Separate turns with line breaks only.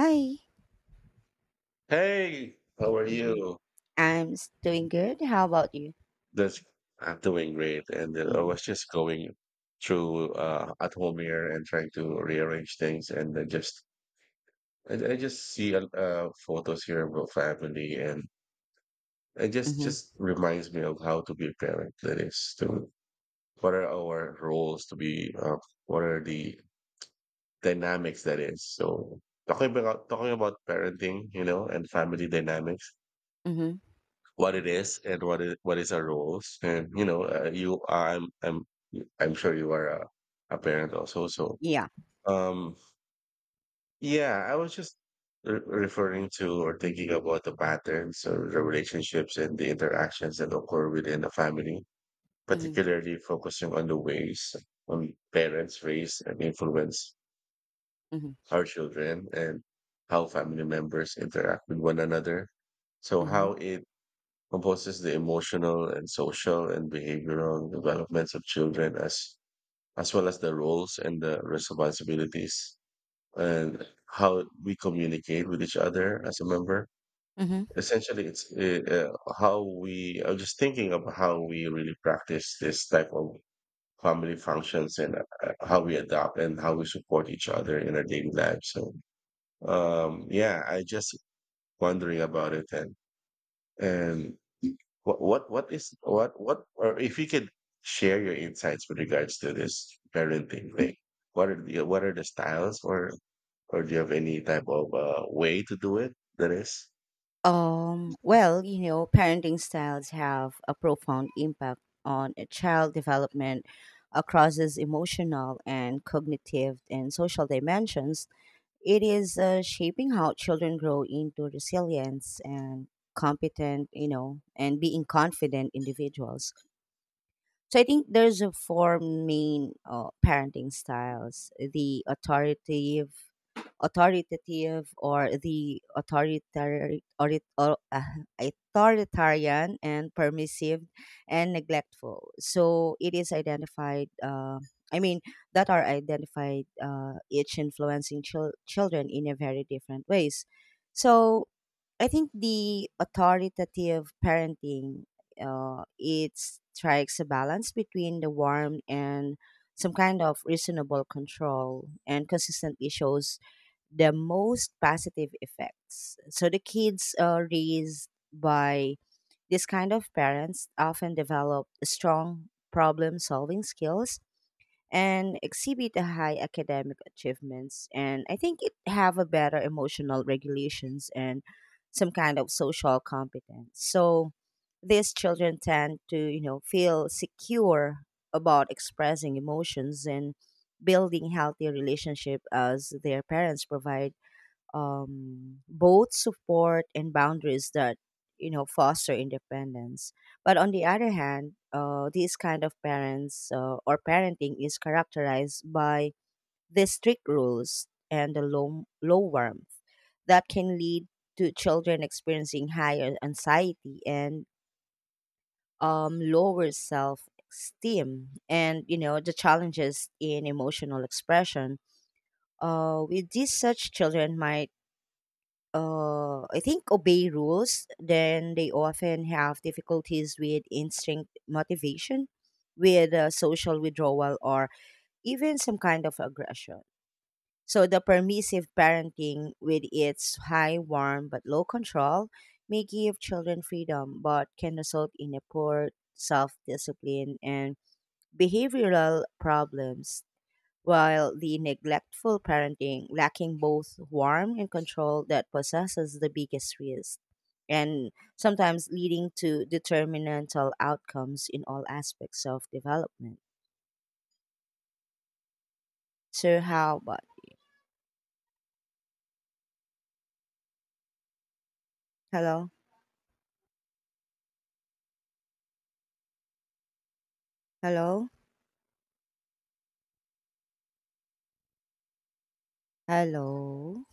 Hi.
Hey, how are
Mhm.
you?
Doing good. How about you?
That's I'm doing great, and I
Mm.
was just going through at home here and trying to rearrange things, and I just see photos here about family, and it just
Mhm.
just reminds me of how to be a parent. That is, to what are our roles to be, what are the dynamics that is. So talking about parenting, you know, and family dynamics.
Mhm.
What it is and what is our roles. And you know, you I'm I'm sure you are a parent also. So
Yeah.
um, yeah, I was just referring to or thinking about the patterns or the relationships and the interactions that occur within the family,
Mhm.
particularly focusing on the ways on parents raise and influence
Mhm.
our children and how family members interact with one another. So how
Mhm.
it composes the emotional and social and behavioral developments of children as well as the roles and the responsibilities and how we communicate with each other as a member.
Mhm.
Essentially, it's how we I'm just thinking of how we really practice this type of family functions, and how we adopt and how we support each other in our daily life. So yeah, I just wondering about it, and what is what or if you could share your insights with regards to this parenting thing? What are the styles, or do you have any type of way to do it? That is.
Well, you know, parenting styles have a profound impact on a child development across its emotional and cognitive and social dimensions. It is shaping how children grow into resilience and competent, you know, and being confident individuals. So I think there's a four main parenting styles: the authoritative, authoritative, or the authoritarian, or, authoritarian and permissive, and neglectful. So it is identified. I mean, that are identified, each influencing children in a very different ways. So I think the authoritative parenting, it strikes a balance between the warmth and some kind of reasonable control and consistently shows the most positive effects. So the kids, raised by this kind of parents often develop strong problem solving skills and exhibit a high academic achievements, and I think it have a better emotional regulations and some kind of social competence. So these children tend to, you know, feel secure about expressing emotions and building healthy relationship as their parents provide both support and boundaries that, you know, foster independence. But on the other hand, these kind of parents, or parenting is characterized by the strict rules and the low warmth that can lead to children experiencing higher anxiety and lower self esteem, and you know the challenges in emotional expression with these such children might, I think, obey rules, then they often have difficulties with instinct motivation, with social withdrawal, or even some kind of aggression. So the permissive parenting, with its high warm but low control, may give children freedom, but can result in a poor self discipline and behavioral problems, while the neglectful parenting lacking both warmth and control that possesses the biggest risk and sometimes leading to determinantal outcomes in all aspects of development. So how about, hello? Hello? Hello?